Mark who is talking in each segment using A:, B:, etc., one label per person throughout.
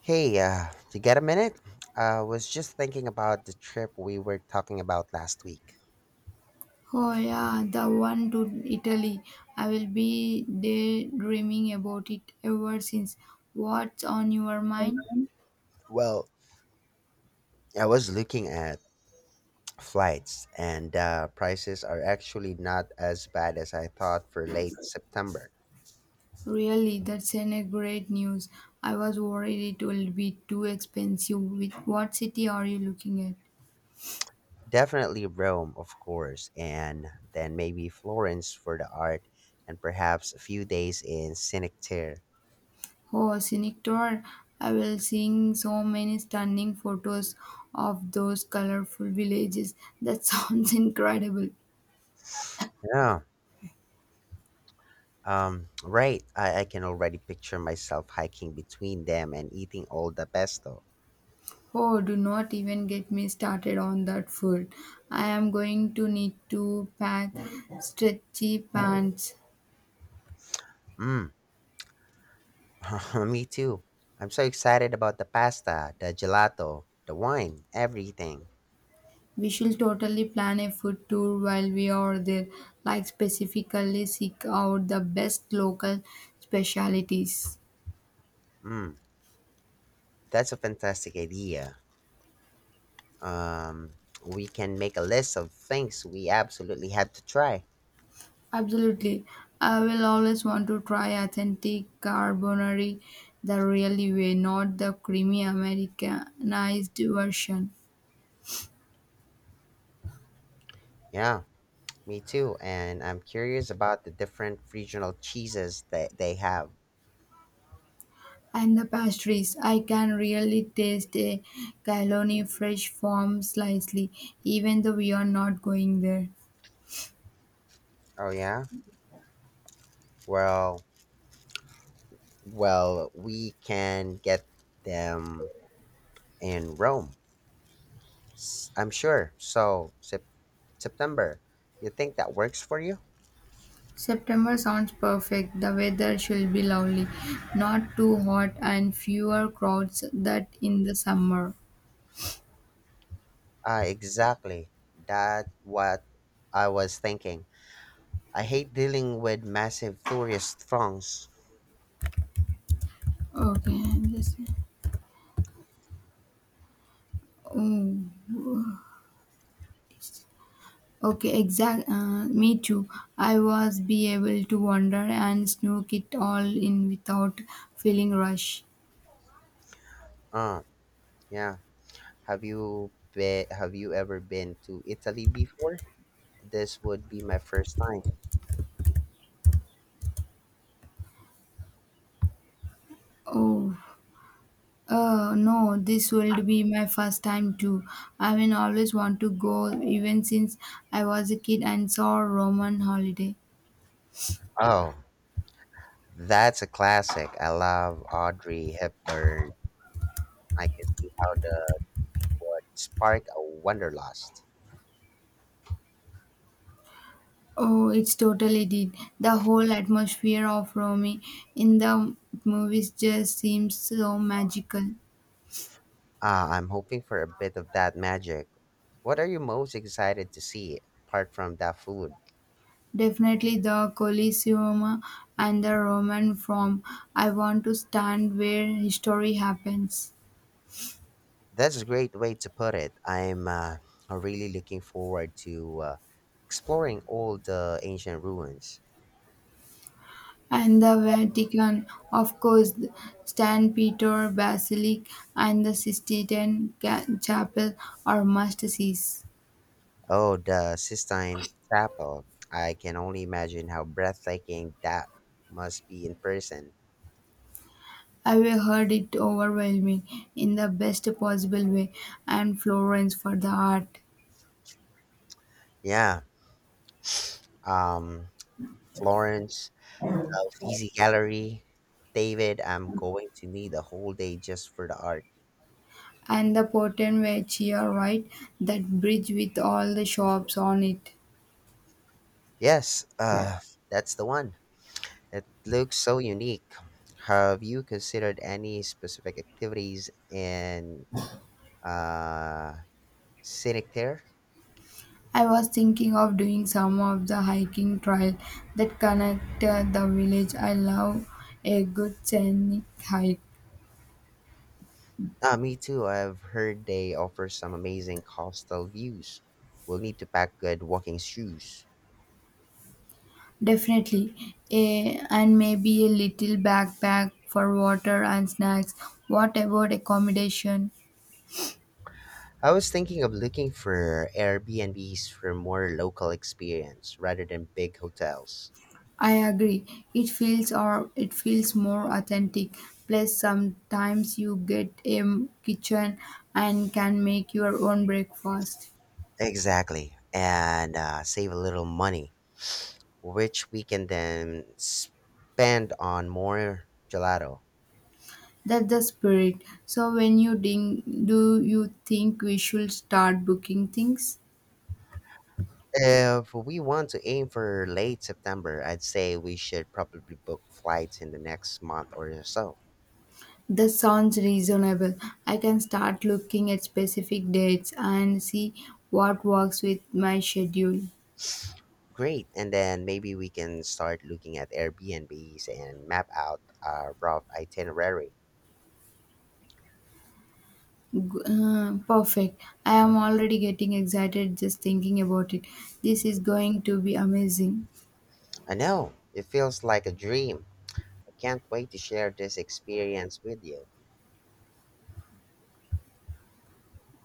A: Hey, you get a minute? I was just thinking about the trip we were talking about last week.
B: Oh yeah, the one to Italy. I will be daydreaming about it ever since. What's on your mind?
A: Well, I was looking at flights, and prices are actually not as bad as I thought for late September.
B: Really, that's an a great news. I was worried it will be too expensive. With what city are you looking at?
A: Definitely Rome, of course, and then maybe Florence for the art, and perhaps a few days in Scenic Terre.
B: Oh, scenic tour. I will seeing so many stunning photos of those colorful villages. That sounds incredible.
A: Yeah, right. I can already picture myself hiking between them and eating all the pesto.
B: Oh, do not even get me started on that food. I am going to need to pack stretchy pants.
A: Mm. Me too. I'm so excited about the pasta, the gelato, the wine, everything.
B: We should totally plan a food tour while we are there, like specifically seek out the best local specialities.
A: Mm, that's a fantastic idea. Um, we can make a list of things we absolutely have to try.
B: Absolutely. I will always want to try authentic carbonari the real way, not the creamy Americanized version.
A: Yeah, me too. And I'm curious about the different regional cheeses that they have.
B: And the pastries, I can really taste a Cologne fresh form slightly, even though we are not going there.
A: Oh yeah? Well, well, we can get them in Rome. I'm sure. So, September. You think that works for you?
B: September sounds perfect. The weather should be lovely, not too hot and fewer crowds that in the summer.
A: Ah, exactly. That what I was thinking. I hate dealing with massive tourist throngs.
B: Okay, I'm just oh, okay, exact. Me too. I was be able to wander and snook it all in without feeling rush.
A: Uh, yeah. Have you ever been to Italy before? This would be my first time.
B: Oh. No, this will be my first time too. I mean, always want to go, even since I was a kid and saw Roman holiday.
A: Oh, that's a classic. I love Audrey Hepburn. I can see how the would spark a wanderlust.
B: Oh, it's totally did. The whole atmosphere of Rome in the movies just seems so magical.
A: Ah, I'm hoping for a bit of that magic. What are you most excited to see apart from that food?
B: Definitely the Colosseum and the Roman Forum. I want to stand where history happens.
A: That's a great way to put it. I'm really looking forward to exploring all the ancient ruins.
B: And the Vatican, of course, the St. Peter Basilic and the Sistine Chapel are must-sees.
A: Oh, the Sistine Chapel. I can only imagine how breathtaking that must be in person.
B: I have heard it overwhelming in the best possible way, and Florence for the art.
A: Yeah. Um, Florence, the Uffizi Gallery. David, I'm going to need a whole day just for the art.
B: And the Potent Vecchia, right? That bridge with all the shops on it.
A: Yes, that's the one. It looks so unique. Have you considered any specific activities in uh, scenic there?
B: I was thinking of doing some of the hiking trail that connect the village. I love a good scenic hike.
A: Ah, me too. I've heard they offer some amazing coastal views. We'll need to pack good walking shoes.
B: Definitely. A, and maybe a little backpack for water and snacks. What about accommodation?
A: I was thinking of looking for Airbnbs for more local experience rather than big hotels.
B: I agree. It feels or it feels more authentic. Plus sometimes you get a kitchen and can make your own breakfast.
A: Exactly. And save a little money, which we can then spend on more gelato.
B: That's the spirit. So when you ding do you think we should start booking things?
A: If we want to aim for late September, I'd say we should probably book flights in the next month or so.
B: That sounds reasonable. I can start looking at specific dates and see what works with my schedule.
A: Great. And then maybe we can start looking at Airbnbs and map out our rough itinerary.
B: Perfect. I am already getting excited just thinking about it. This is going to be amazing.
A: I know, it feels like a dream. I can't wait to share this experience with you.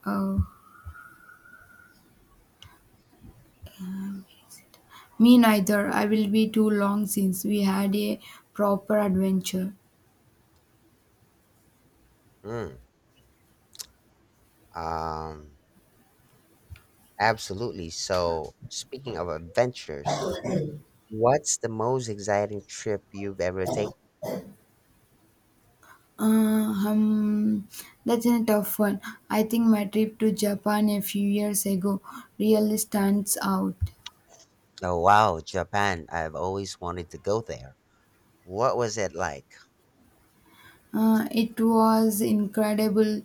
B: Uh, Me neither. I will be too long since we had a proper adventure.
A: Hmm. Um, Absolutely. So, speaking of adventures, what's the most exciting trip you've ever taken?
B: Uh, um, that's a tough one. I think my trip to Japan a few years ago really stands out.
A: Oh, wow, Japan. I've always wanted to go there. What was it like?
B: It was incredible,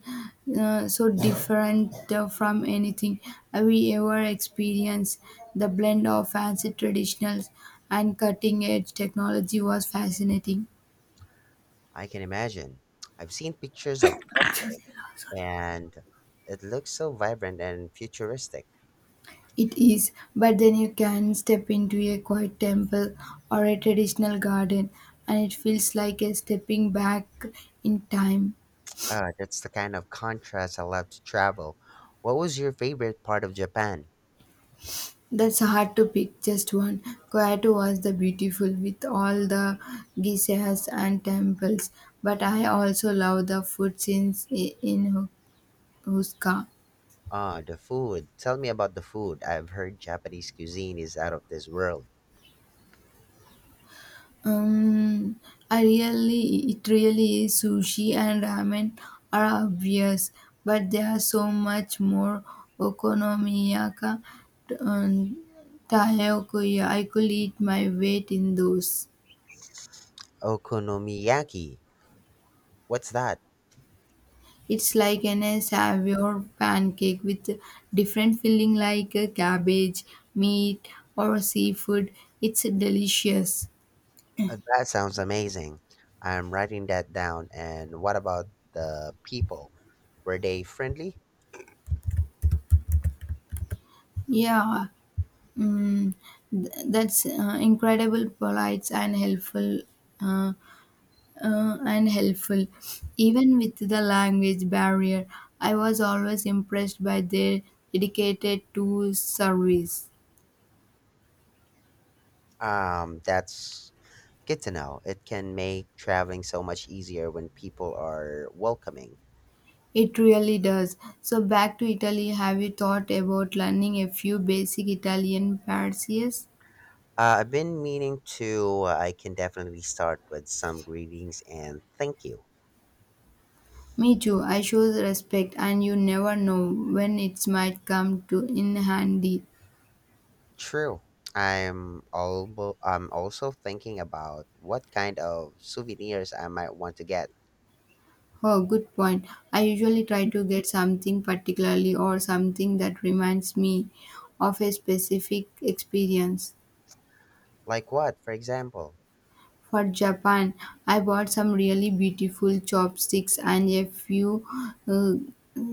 B: so different from anything we ever experienced. The blend of fancy traditionals and cutting edge technology was fascinating.
A: I can imagine. I've seen pictures of Tokyo and it looks so vibrant and futuristic.
B: It is, but then you can step into a quiet temple or a traditional garden, and it feels like a stepping back in time.
A: That's the kind of contrast I love to travel. What was your favorite part of Japan?
B: That's hard to pick just one. Kyoto was the beautiful with all the geishas and temples, but I also love the food scenes in Huska.
A: Ah, the food. Tell me about the food. I've heard Japanese cuisine is out of this world.
B: Um, I really, it really is sushi and ramen are obvious, but there are so much more okonomiyaki and takoyaki. I could eat my weight in those.
A: Okonomiyaki. What's that?
B: It's like an savior pancake with different filling like cabbage, meat, or seafood. It's delicious.
A: That sounds amazing. I'm writing that down. And what about the people? Were they friendly?
B: Yeah, mm, that's incredible, polite and helpful, uh, and helpful. Even with the language barrier, I was always impressed by their dedicated to service.
A: That's good to know. It can make traveling so much easier when people are welcoming.
B: It really does. So, back to Italy, have you thought about learning a few basic Italian phrases?
A: I've been meaning to. I can definitely start with some greetings and thank you.
B: Me too. I show respect, and you never know when it might come to in handy.
A: True. I'm also thinking about what kind of souvenirs I might want to get.
B: Oh, good point. I usually try to get something particularly or something that reminds me of a specific experience.
A: Like what, for example?
B: For Japan, I bought some really beautiful chopsticks and a few uh,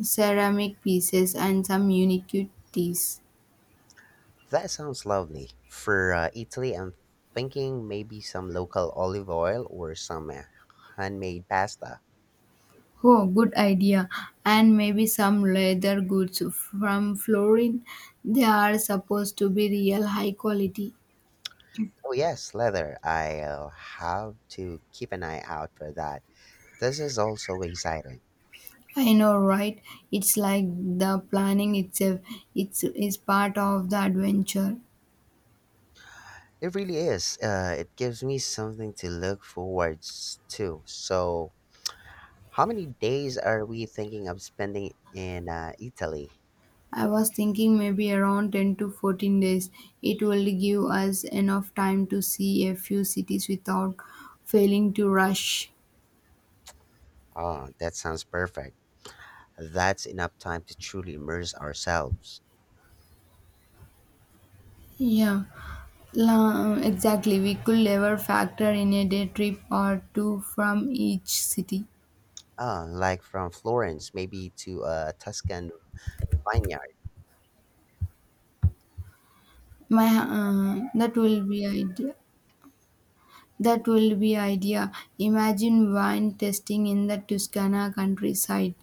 B: ceramic pieces and some unique teas.
A: That sounds lovely. For Italy, I'm thinking maybe some local olive oil or some handmade pasta.
B: Oh, good idea. And maybe some leather goods from Florin. They are supposed to be real high quality.
A: Oh yes, leather. I'll have to keep an eye out for that. This is also exciting.
B: I know, right? It's like the planning itself. It's is part of the adventure.
A: It really is. It gives me something to look forward to. So, how many days are we thinking of spending in Italy?
B: I was thinking maybe around 10 to 14 days. It will give us enough time to see a few cities without failing to rush.
A: Oh, that sounds perfect. That's enough time to truly immerse ourselves.
B: Yeah, exactly. We could never factor in a day trip or two from each city.
A: Like from Florence, maybe to a Tuscan vineyard.
B: My that will be idea. That will be idea. Imagine wine tasting in the Tuscana countryside.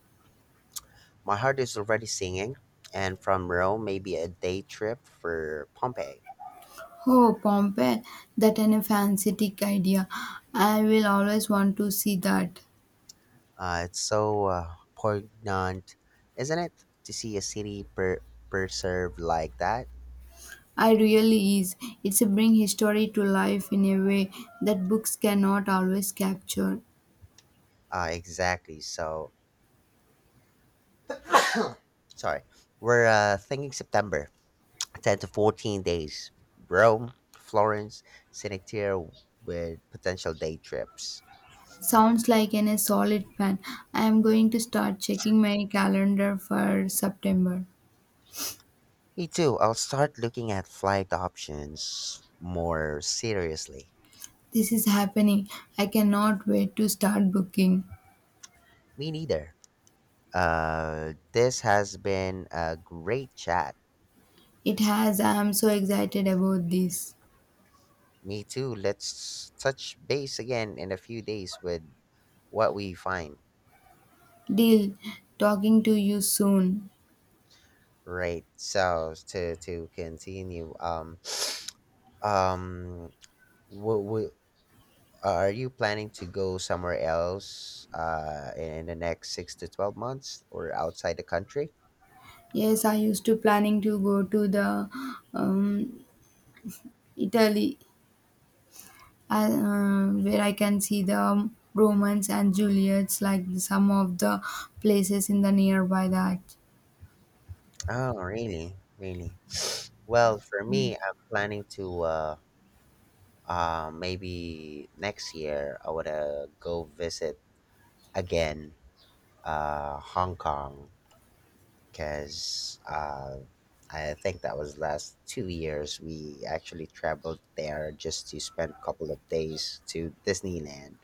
A: My heart is already singing. And from Rome, maybe a day trip for Pompeii.
B: Oh, Pompeii! That an a fantastic idea. I will always want to see that.
A: It's so poignant, isn't it, to see a city preserved like that?
B: I really is. It's a bring history to life in a way that books cannot always capture.
A: Exactly. So, sorry. We're thinking September, 10 to 14 days. Rome, Florence, Sinectir with potential day trips.
B: Sounds like a solid plan. I am going to start checking my calendar for September.
A: Me too. I'll start looking at flight options more seriously.
B: This is happening. I cannot wait to start booking.
A: Me neither. This has been a great chat.
B: It has. I am so excited about this.
A: Me too. Let's touch base again in a few days with what we find.
B: Deal. Talking to you soon.
A: Right. So to continue, um will, will, are you planning to go somewhere else in the next 6 to 12 months or outside the country?
B: Yes, I used to planning to go to the um, Italy where I can see the Romans and Juliets, like some of the places in the nearby that.
A: Oh really, really. Well, for me, I'm planning to maybe next year I would go visit again Hong Kong, because I think that was last 2 years. We actually traveled there just to spend a couple of days to Disneyland.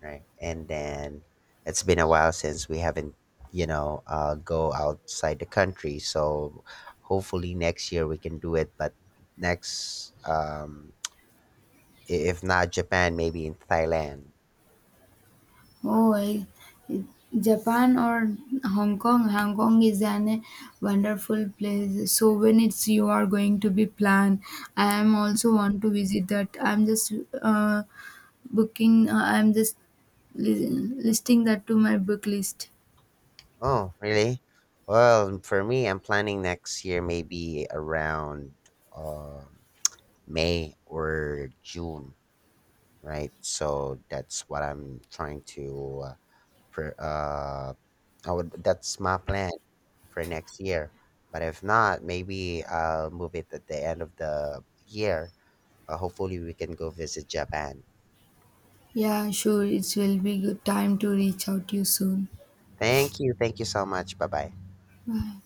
A: Right? And then it's been a while since we haven't, go outside the country. So hopefully next year we can do it. But next, if not Japan, maybe in Thailand.
B: Oh, I, Japan or Hong Kong. Hong Kong is an wonderful place. So when it's you are going to be planned, I am also want to visit that. I'm just uh, booking. I'm just listing that to my book list.
A: Oh, really? Well, for me, I'm planning next year maybe around um, May or June, right? So that's what I'm trying to for I would that's my plan for next year. But if not, maybe I'll move it at the end of the year. Hopefully we can go visit Japan.
B: Yeah, sure. It will be good time to reach out to you soon.
A: Thank you. Thank you so much. Bye-bye.
B: Bye.